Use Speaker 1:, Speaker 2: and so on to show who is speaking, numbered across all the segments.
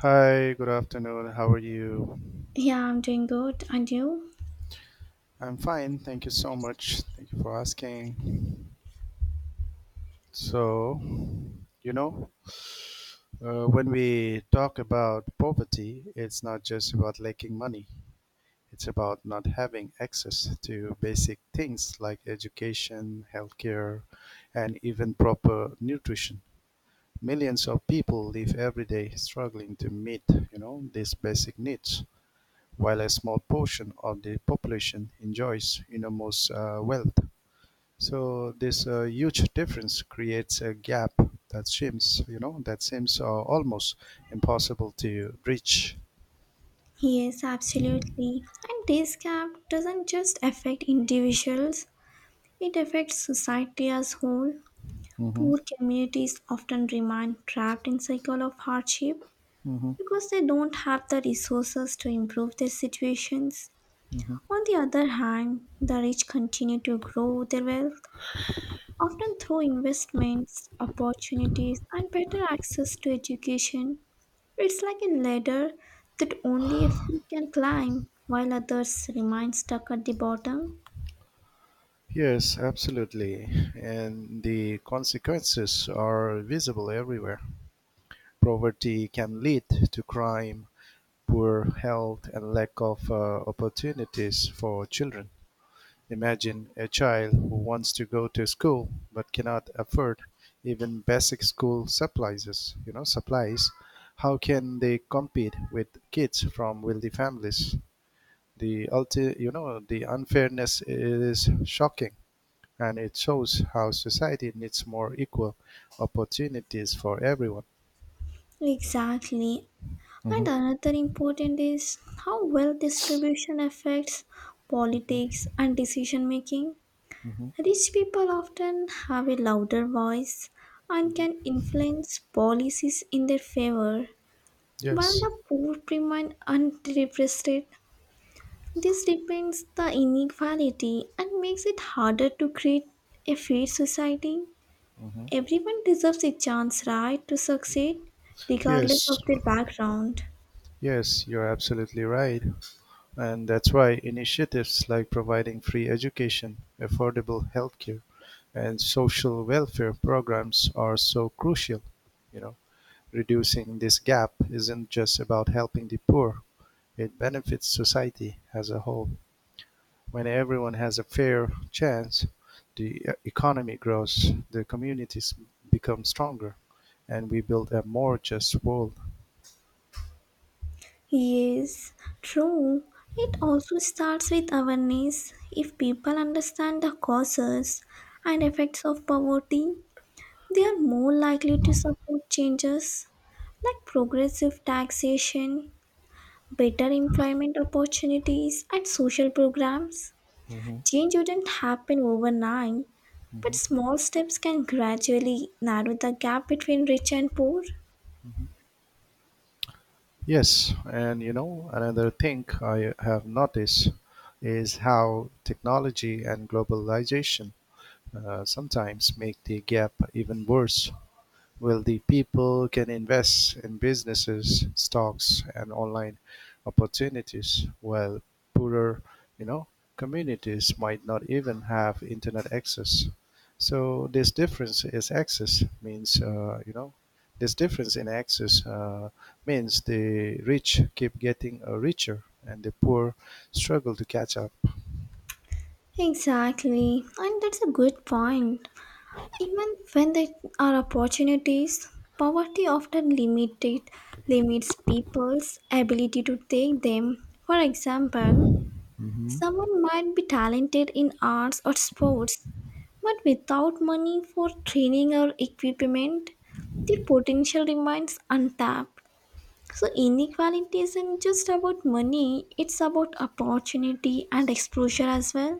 Speaker 1: Hi, good afternoon. How are you?
Speaker 2: Yeah, I'm doing good. And you?
Speaker 1: I'm fine. Thank you so much. Thank you for asking. So, you know, when we talk about poverty, it's not just about lacking money, it's about not having access to basic things like education, healthcare, and even proper nutrition. Millions of people live every day struggling to meet these basic needs. While a small portion of the population enjoys enormous wealth. So this huge difference creates a gap that seems almost impossible to bridge.
Speaker 2: Yes, absolutely. And this gap doesn't just affect individuals, it affects society as whole.
Speaker 1: hmm
Speaker 2: Poor communities often remain trapped in cycle of hardship
Speaker 1: hmm
Speaker 2: because they don't have the resources to improve their situations.
Speaker 1: hmm
Speaker 2: On the other hand, the rich continue to grow their wealth, often through investments, opportunities, and better access to education. It's like a ladder that only a few can climb while others remain stuck at the bottom.
Speaker 1: Yes, absolutely, and the consequences are visible everywhere. Poverty can lead to crime, poor health, and lack of opportunities for children. Imagine a child who wants to go to school but cannot afford even basic school supplies. How can they compete with kids from wealthy families? The ulti- you know, the unfairness is shocking and it shows how society needs more equal opportunities for everyone.
Speaker 2: Exactly. And
Speaker 1: hmm
Speaker 2: another important is how wealth distribution affects politics and decision making.
Speaker 1: hmm
Speaker 2: Rich people often have a louder voice and can influence policies in their favor, while
Speaker 1: Yes.
Speaker 2: the poor remain underrepresented. This depends the inequality and makes it harder to create a fair society.
Speaker 1: hmm
Speaker 2: Everyone deserves a chance, right, to succeed, regardless
Speaker 1: Yes.
Speaker 2: of their background.
Speaker 1: Yes, you're absolutely right. And that's why initiatives like providing free education, affordable healthcare, and social welfare programs are so crucial. You know, reducing this gap isn't just about helping the poor; it benefits society as a whole. When everyone has a fair chance, the economy grows, the communities become stronger, and we build a more just world.
Speaker 2: Yes, true. It also starts with awareness. If people understand the causes and effects of poverty, they are more likely to support changes like progressive taxation, better employment opportunities, and social programs.
Speaker 1: Mhm,
Speaker 2: Change wouldn't happen overnight, but
Speaker 1: mhm.
Speaker 2: small steps can gradually narrow the gap between rich and poor.
Speaker 1: Yes, and you know, another thing I have noticed is how technology and globalization sometimes make the gap even worse. Wealthy people can invest in businesses, stocks, and online opportunities, while poorer, you know, communities might not even have internet access. So this difference is access means, you know, this difference in access means the rich keep getting richer and the poor struggle to catch up.
Speaker 2: Exactly, and that's a good point. Even when there are opportunities, poverty often limited limits people's ability to take them. For example,
Speaker 1: Mhm.
Speaker 2: someone might be talented in arts or sports, but without money for training or equipment, their potential remains untapped. So, inequality isn't just about money, it's about opportunity and exposure as well.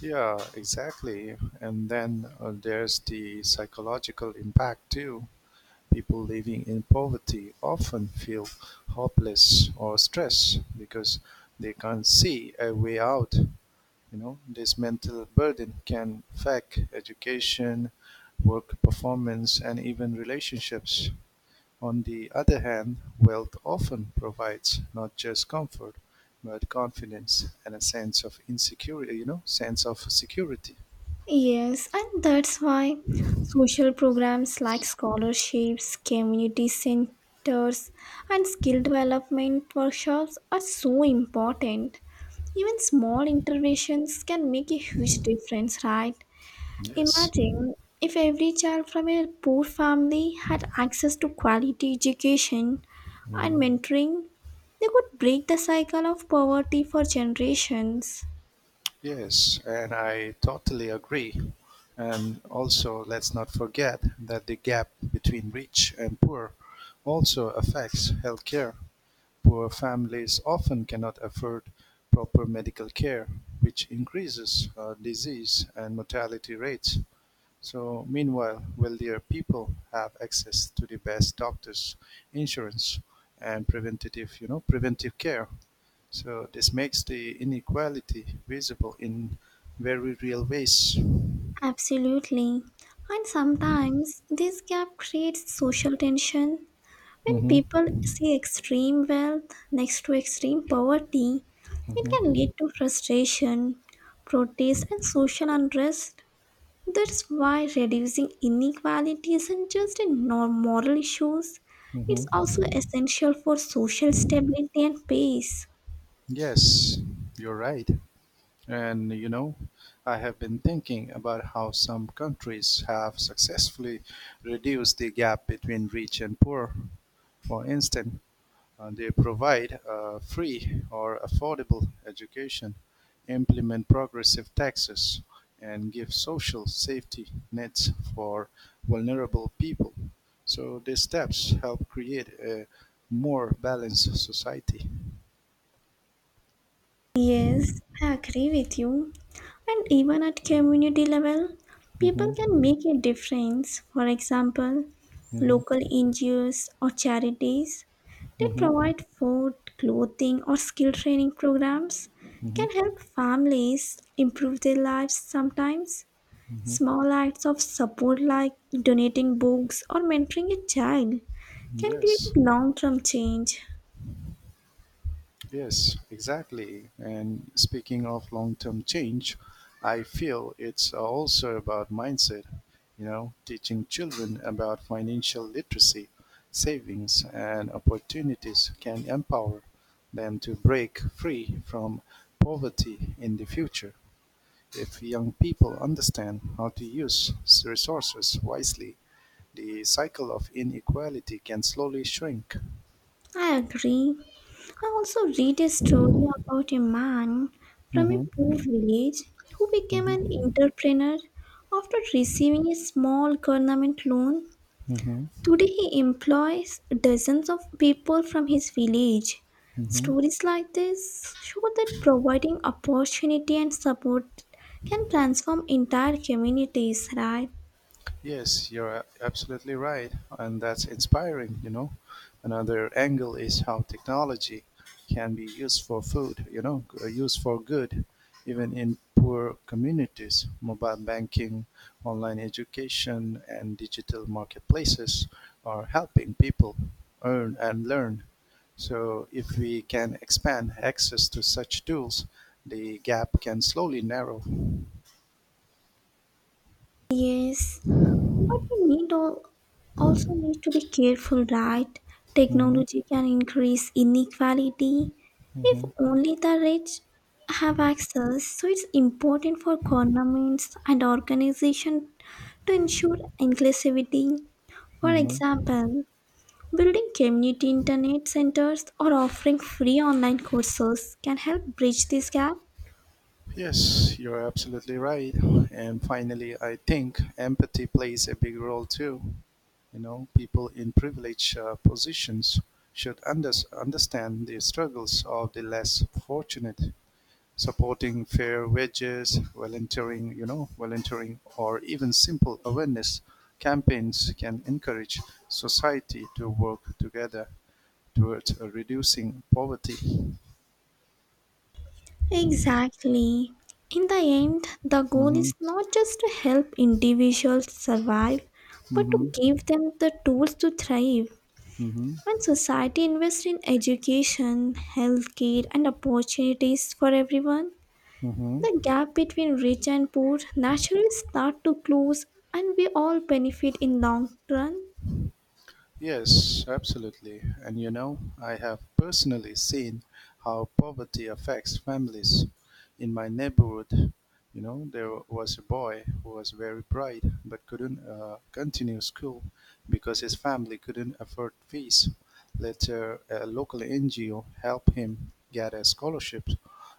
Speaker 1: Yeah, exactly. And then there's the psychological impact too. People living in poverty often feel hopeless or stressed because they can't see a way out. You know, this mental burden can affect education, work performance, and even relationships. On the other hand, wealth often provides not just comfort, but confidence and a sense of insecurity, you know, sense of security.
Speaker 2: Yes, and that's why social programs like scholarships, community centers, and skill development workshops are so important. Even small interventions can make a huge difference, right?
Speaker 1: Yes.
Speaker 2: Imagine if every child from a poor family had access to quality education and
Speaker 1: Mhm.
Speaker 2: mentoring, they could break the cycle of poverty for generations.
Speaker 1: Yes, and I totally agree. And also, let's not forget that the gap between rich and poor also affects healthcare. Poor families often cannot afford proper medical care, which increases disease and mortality rates. So meanwhile, wealthier people have access to the best doctors, insurance, and preventive care. So this makes the inequality visible in very real ways.
Speaker 2: Absolutely. And sometimes this gap creates social tension. When
Speaker 1: hmm
Speaker 2: people see extreme wealth next to extreme poverty, it can
Speaker 1: hmm
Speaker 2: lead to frustration, protest, and social unrest. That's why reducing inequality isn't just a moral issue, it's
Speaker 1: hmm
Speaker 2: also essential for social stability and peace.
Speaker 1: Yes, you're right. And you know, I have been thinking about how some countries have successfully reduced the gap between rich and poor. For instance, they provide a free or affordable education, implement progressive taxes, and give social safety nets for vulnerable people. So these steps help create a more balanced society.
Speaker 2: Yes, I agree with you. And even at community level, people can
Speaker 1: Mhm,
Speaker 2: make a difference. For example,
Speaker 1: mhm,
Speaker 2: local NGOs or charities that
Speaker 1: mhm,
Speaker 2: provide food, clothing, or skill training programs
Speaker 1: mhm,
Speaker 2: can help families improve their lives sometimes.
Speaker 1: mhm.
Speaker 2: Small acts of support like donating books or mentoring a child can create
Speaker 1: Yes.
Speaker 2: a long term change.
Speaker 1: Yes, exactly. And speaking of long term change, I feel it's also about mindset, you know, teaching children about financial literacy, savings, and opportunities can empower them to break free from poverty in the future. If young people understand how to use resources wisely, the cycle of inequality can slowly shrink.
Speaker 2: I agree. I also read a story about a man from a poor
Speaker 1: hmm
Speaker 2: village who became an
Speaker 1: hmm
Speaker 2: entrepreneur after receiving a small government loan.
Speaker 1: hmm
Speaker 2: Today he employs dozens of people from his village.
Speaker 1: hmm
Speaker 2: Stories like this show that providing opportunity and support can transform entire communities, right?
Speaker 1: Yes, absolutely right. And that's inspiring, you know. Another angle is how technology can be used for food, you know, g- used for good, even in poor communities. Mobile banking, online education, and digital marketplaces are helping people earn and learn. So, if we can expand access to such tools, the gap can slowly narrow.
Speaker 2: Yes. But we need all, also need to be careful, right?
Speaker 1: hmm
Speaker 2: Technology can increase inequality if
Speaker 1: hmm
Speaker 2: only the rich have access. So it's important for governments and organizations to ensure inclusivity. For
Speaker 1: hmm
Speaker 2: example, building community internet centers or offering free online courses can help bridge this gap.
Speaker 1: Yes, you're absolutely right. And finally, I think empathy plays a big role too. You know, people in privileged positions should understand the struggles of the less fortunate, supporting fair wages, volunteering, or even simple awareness campaigns can encourage society to work together towards reducing poverty.
Speaker 2: Exactly. In the end, the goal
Speaker 1: hmm
Speaker 2: is not just to help individuals survive, but to
Speaker 1: hmm
Speaker 2: give them the tools to thrive.
Speaker 1: hmm
Speaker 2: When society invests in education, healthcare, and opportunities for everyone,
Speaker 1: hmm
Speaker 2: the gap between rich and poor naturally start to close and we all benefit in long run.
Speaker 1: Yes, absolutely. And you know, I have personally seen how poverty affects families. In my neighborhood, you know, there was a boy who was very bright but couldn't continue school because his family couldn't afford fees. Later, a local NGO helped him get a scholarship,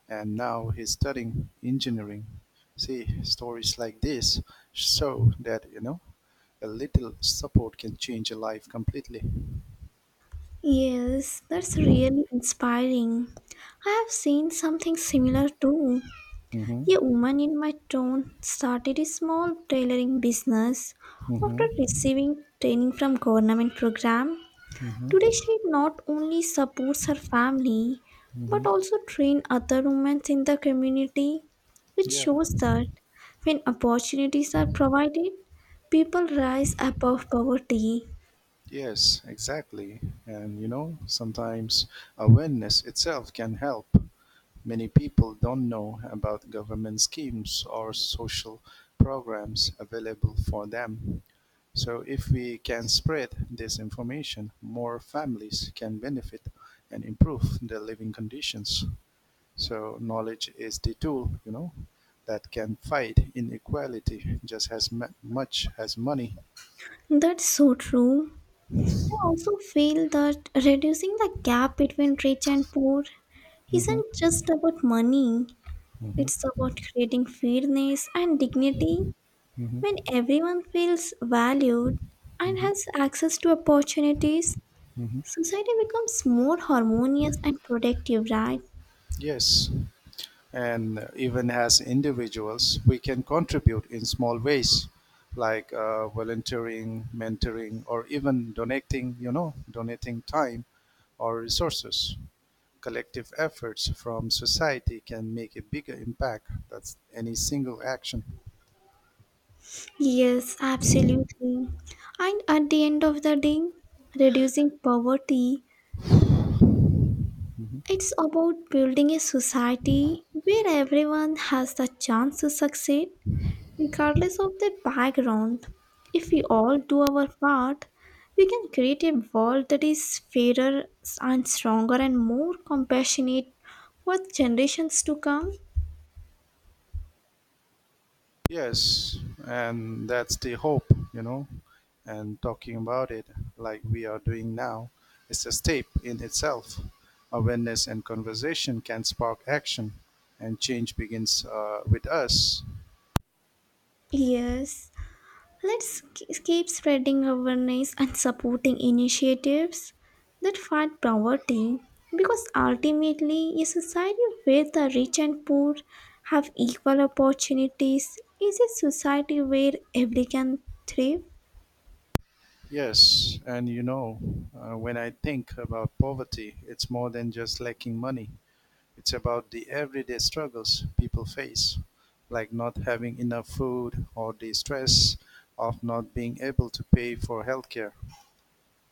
Speaker 1: and now he's studying engineering. See, stories like this show that, you know, a little support can change a life completely.
Speaker 2: Yes, that's really inspiring. I have seen something similar too.
Speaker 1: Mm-hmm.
Speaker 2: A woman in my town started a small tailoring business after
Speaker 1: Mm-hmm.
Speaker 2: receiving training from government program. Today
Speaker 1: Mm-hmm.
Speaker 2: she not only supports her family
Speaker 1: Mm-hmm.
Speaker 2: but also train other women in the community. It
Speaker 1: Yeah.
Speaker 2: shows that when opportunities are provided, people rise above poverty.
Speaker 1: Yes, exactly. And you know, sometimes awareness itself can help. Many people don't know about government schemes or social programs available for them. So, if we can spread this information, more families can benefit and improve their living conditions. So knowledge is the tool, you know, that can fight inequality just as much as money.
Speaker 2: That's so true. I also feel that reducing the gap between rich and poor
Speaker 1: hmm
Speaker 2: isn't just about money. It's
Speaker 1: hmm
Speaker 2: about creating fairness and dignity. When
Speaker 1: hmm
Speaker 2: everyone feels valued and
Speaker 1: hmm
Speaker 2: has access to opportunities,
Speaker 1: hmm
Speaker 2: society becomes more harmonious and productive, right?
Speaker 1: Yes, and even as individuals, we can contribute in small ways, like volunteering, mentoring, or even donating. You know, donating time or resources. Collective efforts from society can make a bigger impact than any single action.
Speaker 2: Yes, absolutely. And at the end of the day, reducing poverty,
Speaker 1: Mm-hmm.
Speaker 2: it's about building a society where everyone has the chance to succeed. Regardless of their background, if we all do our part, we can create a world that is fairer and stronger and more compassionate for generations to come.
Speaker 1: Yes, and that's the hope, you know. And talking about it like we are doing now is a step in itself. Awareness and conversation can spark action, and change begins with us.
Speaker 2: Yes, let's keep spreading awareness and supporting initiatives that fight poverty because ultimately, a society where the rich and poor have equal opportunities is a society where everyone can thrive.
Speaker 1: Yes, and when I think about poverty, it's more than just lacking money. It's about the everyday struggles people face, like not having enough food or the stress of not being able to pay for healthcare.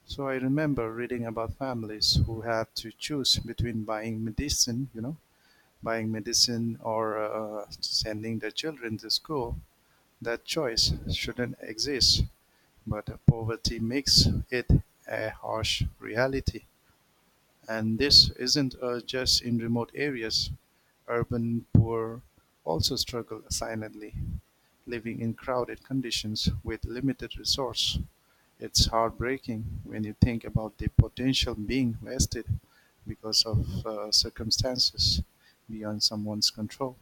Speaker 1: So I remember reading about families who had to choose between buying medicine or sending their children to school. That choice shouldn't exist, but poverty makes it a harsh reality. And this isn't just in remote areas. Urban poor also struggle silently, living in crowded conditions with limited resource. It's heartbreaking when you think about the potential being wasted because of circumstances beyond someone's control.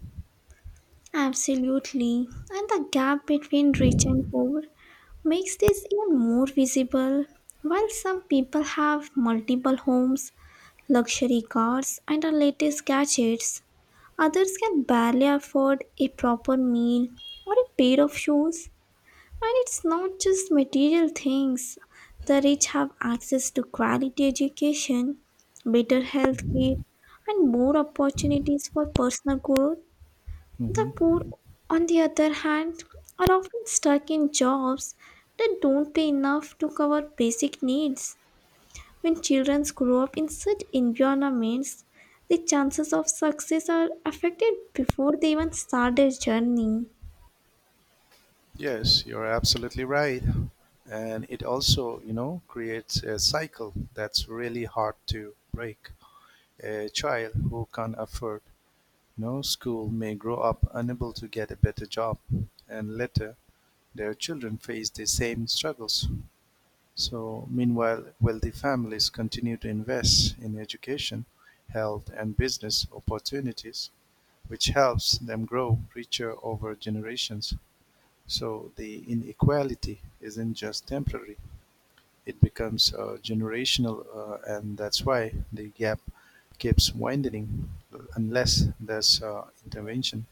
Speaker 2: Absolutely. And the gap between rich and poor makes this even more visible. While some people have multiple homes, luxury cars, and the latest gadgets, others can barely afford a proper meal or a pair of shoes. And it's not just material things. The rich have access to quality education, better health care, and more opportunities for personal growth. The poor,
Speaker 1: Mhm.
Speaker 2: on the other hand, are often stuck in jobs that don't pay enough to cover basic needs. When children grow up in such environments, the chances of success are affected before they even start their journey.
Speaker 1: Yes, you're absolutely right. And it also, you know, creates a cycle that's really hard to break. A child who can afford no school may grow up unable to get a better job, and later their children face the same struggles. So, meanwhile, wealthy families continue to invest in education, health, and business opportunities, which helps them grow richer over generations. So, the inequality isn't just temporary, it becomes generational, and that's why the gap keeps widening unless there's intervention.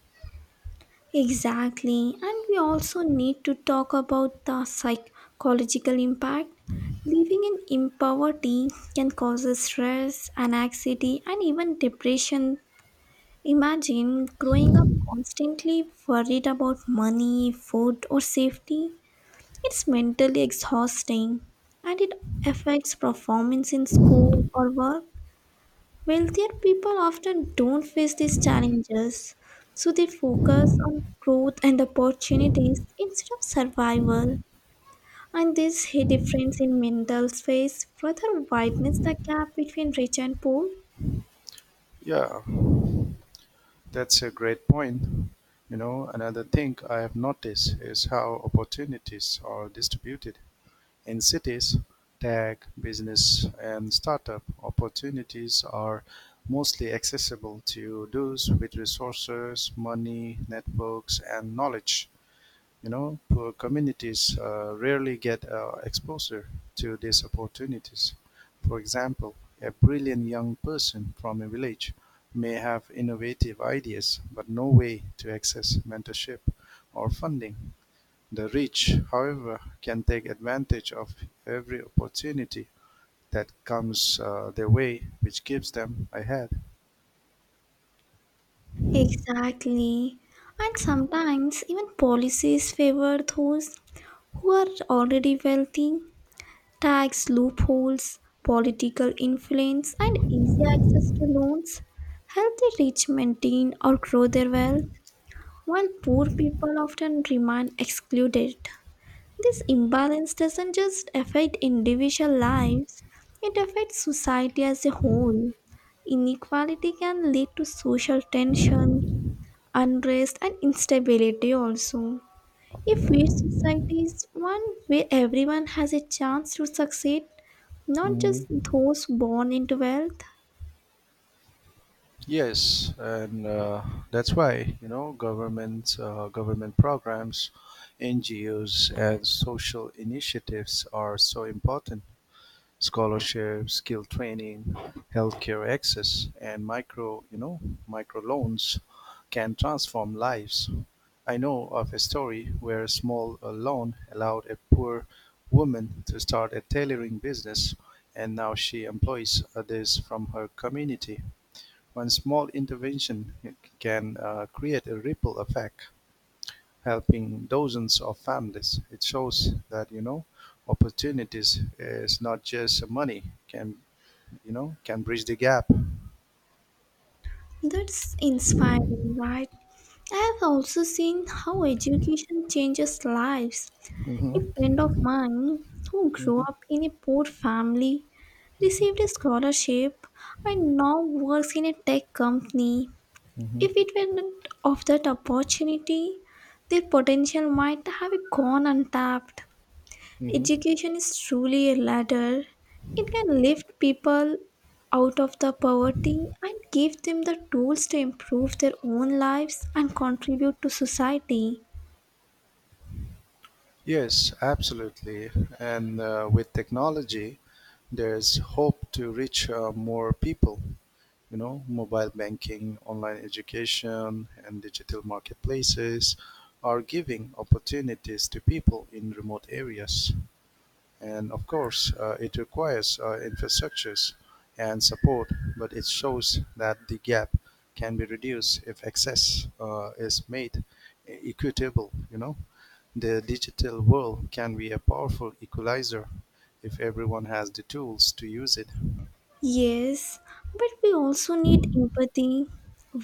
Speaker 2: Exactly, and we also need to talk about the psychological impact. Living in poverty can cause stress, anxiety, and even depression. Imagine growing up constantly worried about money, food, or safety. It's mentally exhausting and it affects performance in school or work. Wealthier people often don't face these challenges, so they focus on growth and opportunities instead of survival. And this difference in mental space further widens the gap between rich and poor.
Speaker 1: Yeah, that's a great point. You know, another thing I have noticed is how opportunities are distributed. In cities, tech, business, and startup opportunities are mostly accessible to those with resources, money, networks, and knowledge. You know, poor communities rarely get exposure to these opportunities. For example, a brilliant young person from a village may have innovative ideas but no way to access mentorship or funding. The rich, however, can take advantage of every opportunity that comes their way, which gives them a head.
Speaker 2: Exactly. And sometimes even policies favor those who are already wealthy. Tax loopholes, political influence, and easy access to loans help the rich maintain or grow their wealth, while poor people often remain excluded. This imbalance doesn't just affect individual lives, it affects society as a whole. Inequality can lead to social tension, unrest and instability also. A fair society is one where everyone has a chance to succeed, not just those born into wealth.
Speaker 1: Yes, and that's why you know, government programs, NGOs, and social initiatives are so important. Scholarships, skill training, healthcare access, and micro you know micro loans can transform lives. I know of a story where a small loan allowed a poor woman to start a tailoring business, and now she employs others from her community. One small intervention can create a ripple effect, helping dozens of families. It shows that you know opportunities is not just money can you know can bridge the gap.
Speaker 2: That's inspiring, right? I have also seen how education changes lives. A
Speaker 1: hmm
Speaker 2: friend of mine who grew
Speaker 1: hmm
Speaker 2: up in a poor family received a scholarship and now works in a tech company.
Speaker 1: hmm
Speaker 2: If it were not of that opportunity, their potential might have gone untapped.
Speaker 1: hmm
Speaker 2: Education is truly a ladder. It can lift people out of the poverty and give them the tools to improve their own lives and contribute to society.
Speaker 1: Yes, absolutely. And with technology, there's hope to reach more people. You know, mobile banking, online education, and digital marketplaces are giving opportunities to people in remote areas. And of course, it requires infrastructures and support, but it shows that the gap can be reduced if access is made equitable. You know, the digital world can be a powerful equalizer if everyone has the tools to use it.
Speaker 2: Yes, but we also need empathy.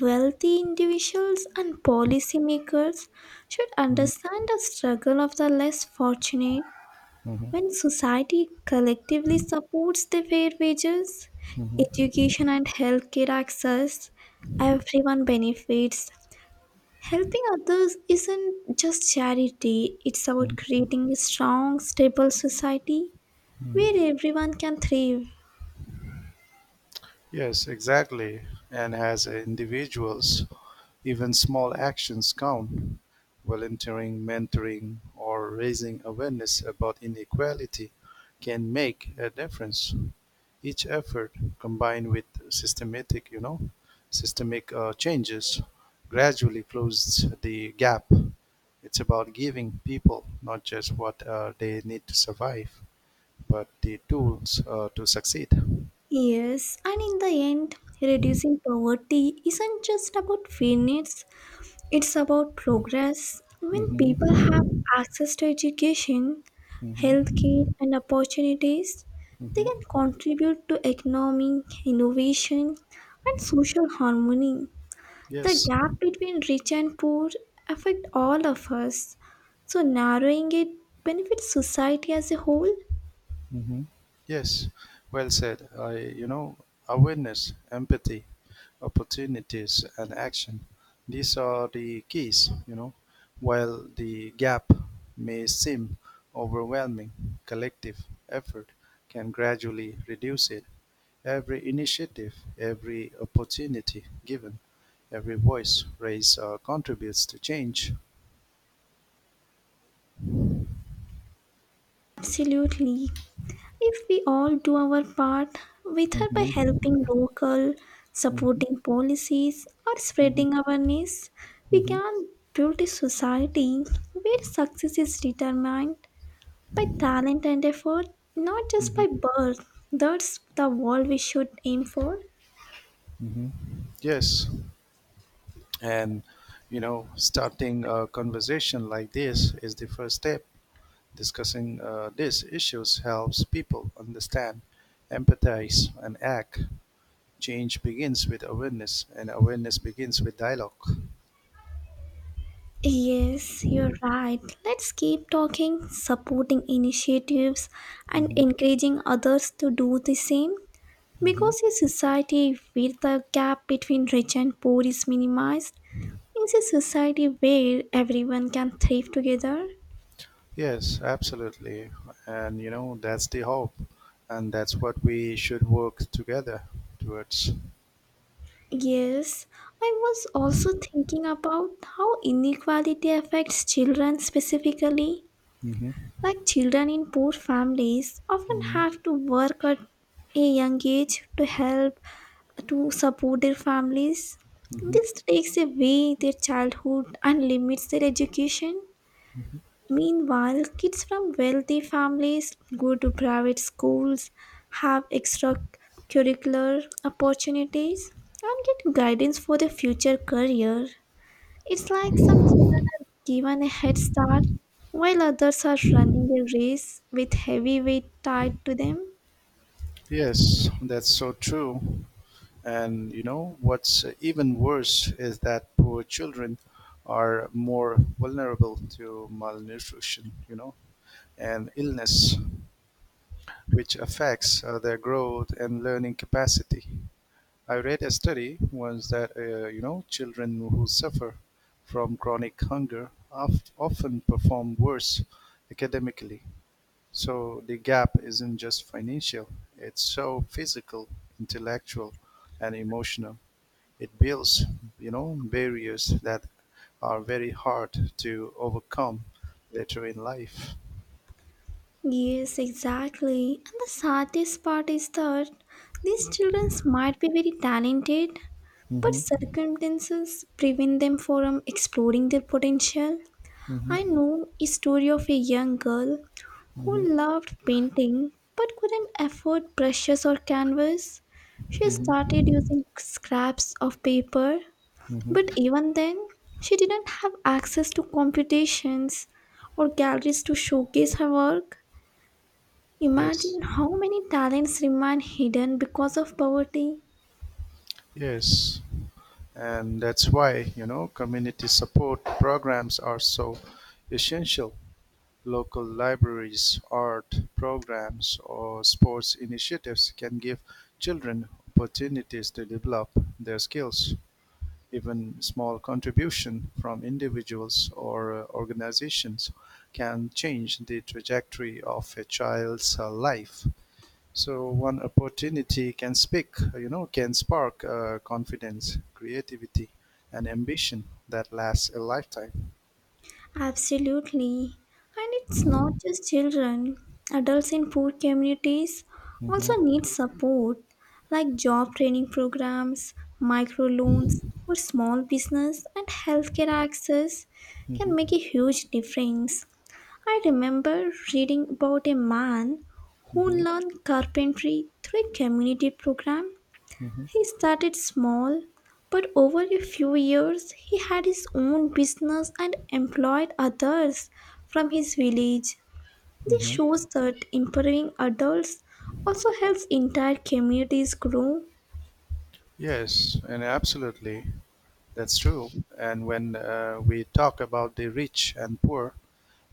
Speaker 2: Wealthy individuals and policymakers should
Speaker 1: Mhm,
Speaker 2: understand the struggle of the less fortunate.
Speaker 1: mhm,
Speaker 2: When society collectively supports the fair wages,
Speaker 1: mhm,
Speaker 2: education, and healthcare access, everyone benefits. Helping others isn't just charity, it's about
Speaker 1: mhm.
Speaker 2: creating a strong, stable society
Speaker 1: mhm.
Speaker 2: where everyone can thrive.
Speaker 1: Yes, exactly. And as individuals, even small actions count. Volunteering, mentoring, or raising awareness about inequality can make a difference. Each effort combined with systemic changes gradually closes the gap. It's about giving people not just what they need to survive, but the tools to succeed.
Speaker 2: Yes, and in the end, reducing poverty isn't just about fairness, it's about progress. When
Speaker 1: Mhm.
Speaker 2: people have access to education, healthcare,
Speaker 1: Mm-hmm.
Speaker 2: and opportunities, they
Speaker 1: Mm-hmm.
Speaker 2: can contribute to economic innovation and social harmony. The
Speaker 1: Yes,
Speaker 2: gap between rich and poor affect all of us, so narrowing it benefits society as a whole.
Speaker 1: Mm-hmm. yes, well said. I, you know, awareness, empathy, opportunities, and action. These are the keys, you know. While the gap may seem overwhelming, collective effort can gradually reduce it. Every initiative, every opportunity given, every voice raised contributes to change.
Speaker 2: Absolutely. If we all do our part, whether by helping
Speaker 1: Mm-hmm.
Speaker 2: local,
Speaker 1: Mm-hmm.
Speaker 2: supporting policies, or spreading awareness, we
Speaker 1: Mm-hmm.
Speaker 2: can build a society where success is determined by talent and effort, not just by birth. That's the world we should aim for.
Speaker 1: hmm Yes, and you know, starting a conversation like this is the first step. Discussing these issues helps people understand, empathize, and act. Change begins with awareness, and awareness begins with dialogue.
Speaker 2: Yes, you're right. Let's keep talking, supporting initiatives, and
Speaker 1: hmm
Speaker 2: encouraging others to do the same.
Speaker 1: hmm
Speaker 2: Because a society where the gap between rich and poor is minimized is a society where everyone can thrive together.
Speaker 1: Yes, absolutely, and you know, that's the hope, and that's what we should work together towards.
Speaker 2: Yes, I was also thinking about how inequality affects children specifically.
Speaker 1: hmm
Speaker 2: Like children in poor families often
Speaker 1: hmm
Speaker 2: have to work at a young age to help to support their families.
Speaker 1: hmm
Speaker 2: This takes away their childhood and limits their education. Meanwhile, kids from wealthy families go to private schools, have extracurricular opportunities, and get guidance for their future career. It's like some children are given a head start while others are running a race with heavy weight tied to them.
Speaker 1: Yes, that's so true. And you know what's even worse is that poor children are more vulnerable to malnutrition, you know, and illness, which affects their growth and learning capacity. I read a study once that you know children who suffer from chronic hunger often perform worse academically. So the gap isn't just financial; it's so physical, intellectual, and emotional. It builds, you know, barriers that are very hard to overcome later in life.
Speaker 2: Yes, exactly. And the saddest part is that these children might be very talented, but
Speaker 1: Mm-hmm.
Speaker 2: circumstances prevent them from exploring their potential. I
Speaker 1: Mm-hmm.
Speaker 2: know a story of a young girl
Speaker 1: Mm-hmm.
Speaker 2: who loved painting but couldn't afford brushes or canvas. She started
Speaker 1: Mm-hmm.
Speaker 2: using scraps of paper, but
Speaker 1: Mm-hmm.
Speaker 2: even then, she didn't have access to competitions or galleries to showcase her work.
Speaker 1: Yes,
Speaker 2: Imagine how many talents remain hidden because of poverty.
Speaker 1: yes. And that's why, you know, community support programs are so essential. Local libraries, art programs, or sports initiatives can give children opportunities to develop their skills. Even small contribution from individuals or organizations can change the trajectory of a child's life. So one opportunity can speak, you know, can spark confidence, creativity, and ambition that lasts a lifetime.
Speaker 2: Absolutely. And it's not just children. Adults in poor communities
Speaker 1: hmm
Speaker 2: also need support, like job training programs, microloans for small business, and healthcare access can make a
Speaker 1: hmm
Speaker 2: huge difference. I remember reading about a man who
Speaker 1: hmm
Speaker 2: learned carpentry through a community program
Speaker 1: hmm
Speaker 2: he started small, but over a few years he had his own business and employed others from his village. This
Speaker 1: hmm
Speaker 2: shows that empowering adults also helps entire communities grow.
Speaker 1: Yes, and absolutely, that's true. And when we talk about the rich and poor,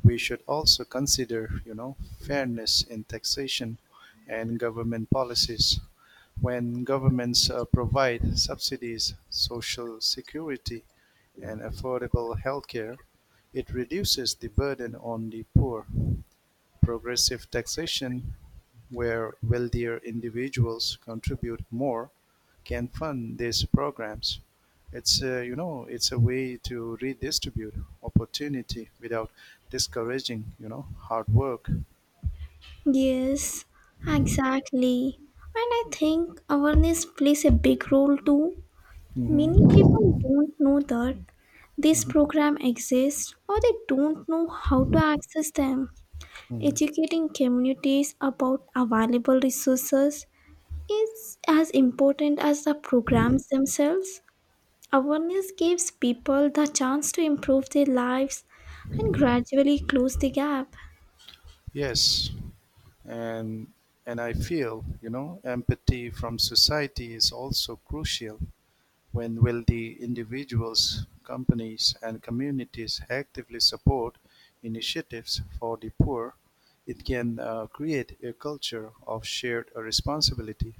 Speaker 1: we should also consider, you know, fairness in taxation and government policies. When governments provide subsidies, social security, and affordable healthcare, it reduces the burden on the poor. Progressive taxation, where wealthier individuals contribute more, can fund these programs. It's a way to redistribute opportunity without discouraging, you know, hard work.
Speaker 2: Yes, exactly. And I think awareness plays a big role too. Many people
Speaker 1: Mm-hmm.
Speaker 2: don't know that this program exists or they don't know how to access them.
Speaker 1: Mhm.
Speaker 2: Educating communities about available resources is as important as the programs themselves. Awareness gives people the chance to improve their lives and gradually close the gap.
Speaker 1: Yes, and and I feel, you know, empathy from society is also crucial. When will the individuals, companies and communities actively support initiatives for the poor, it can create a culture of shared responsibility.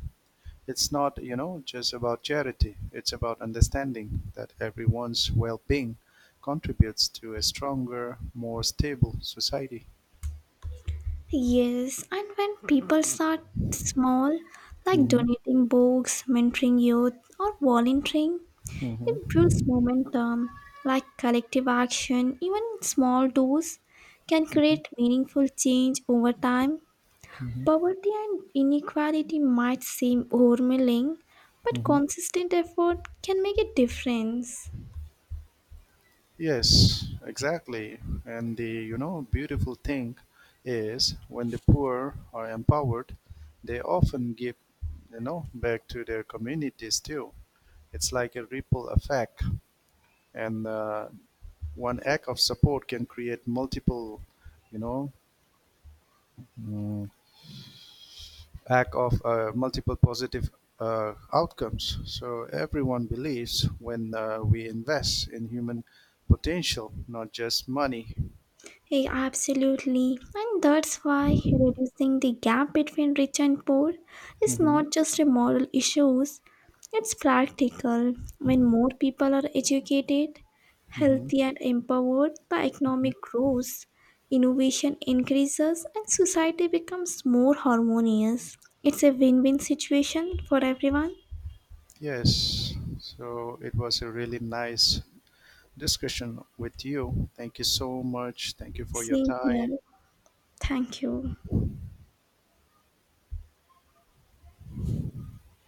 Speaker 1: It's not, you know, just about charity. It's about understanding that everyone's well-being contributes to a stronger, more stable society.
Speaker 2: Yes, and when people start small, like
Speaker 1: Mhm,
Speaker 2: donating books, mentoring youth, or volunteering, it
Speaker 1: mhm,
Speaker 2: builds momentum. Like collective action, even small doers can
Speaker 1: mhm,
Speaker 2: create meaningful change over time.
Speaker 1: mhm,
Speaker 2: Poverty and inequality might seem overwhelming, but
Speaker 1: mhm.
Speaker 2: consistent effort can make a difference.
Speaker 1: Yes, exactly. And the you know beautiful thing is when the poor are empowered, they often give you know back to their communities too. It's like a ripple effect, and one act of support can create multiple you know mm, act of multiple positive outcomes. So everyone believes when we invest in human potential, not just money.
Speaker 2: Hey, absolutely. And that's why reducing the gap between rich and poor is
Speaker 1: Mhm.
Speaker 2: not just a moral issue, it's practical. When more people are educated,
Speaker 1: hmm
Speaker 2: healthy, and empowered by
Speaker 1: hmm
Speaker 2: economic growth, innovation increases and society becomes more harmonious. It's a win win situation for everyone.
Speaker 1: Yes. So it was a really nice discussion with you. Thank you so much. Thank you for your
Speaker 2: Same
Speaker 1: time.
Speaker 2: here. Thank you.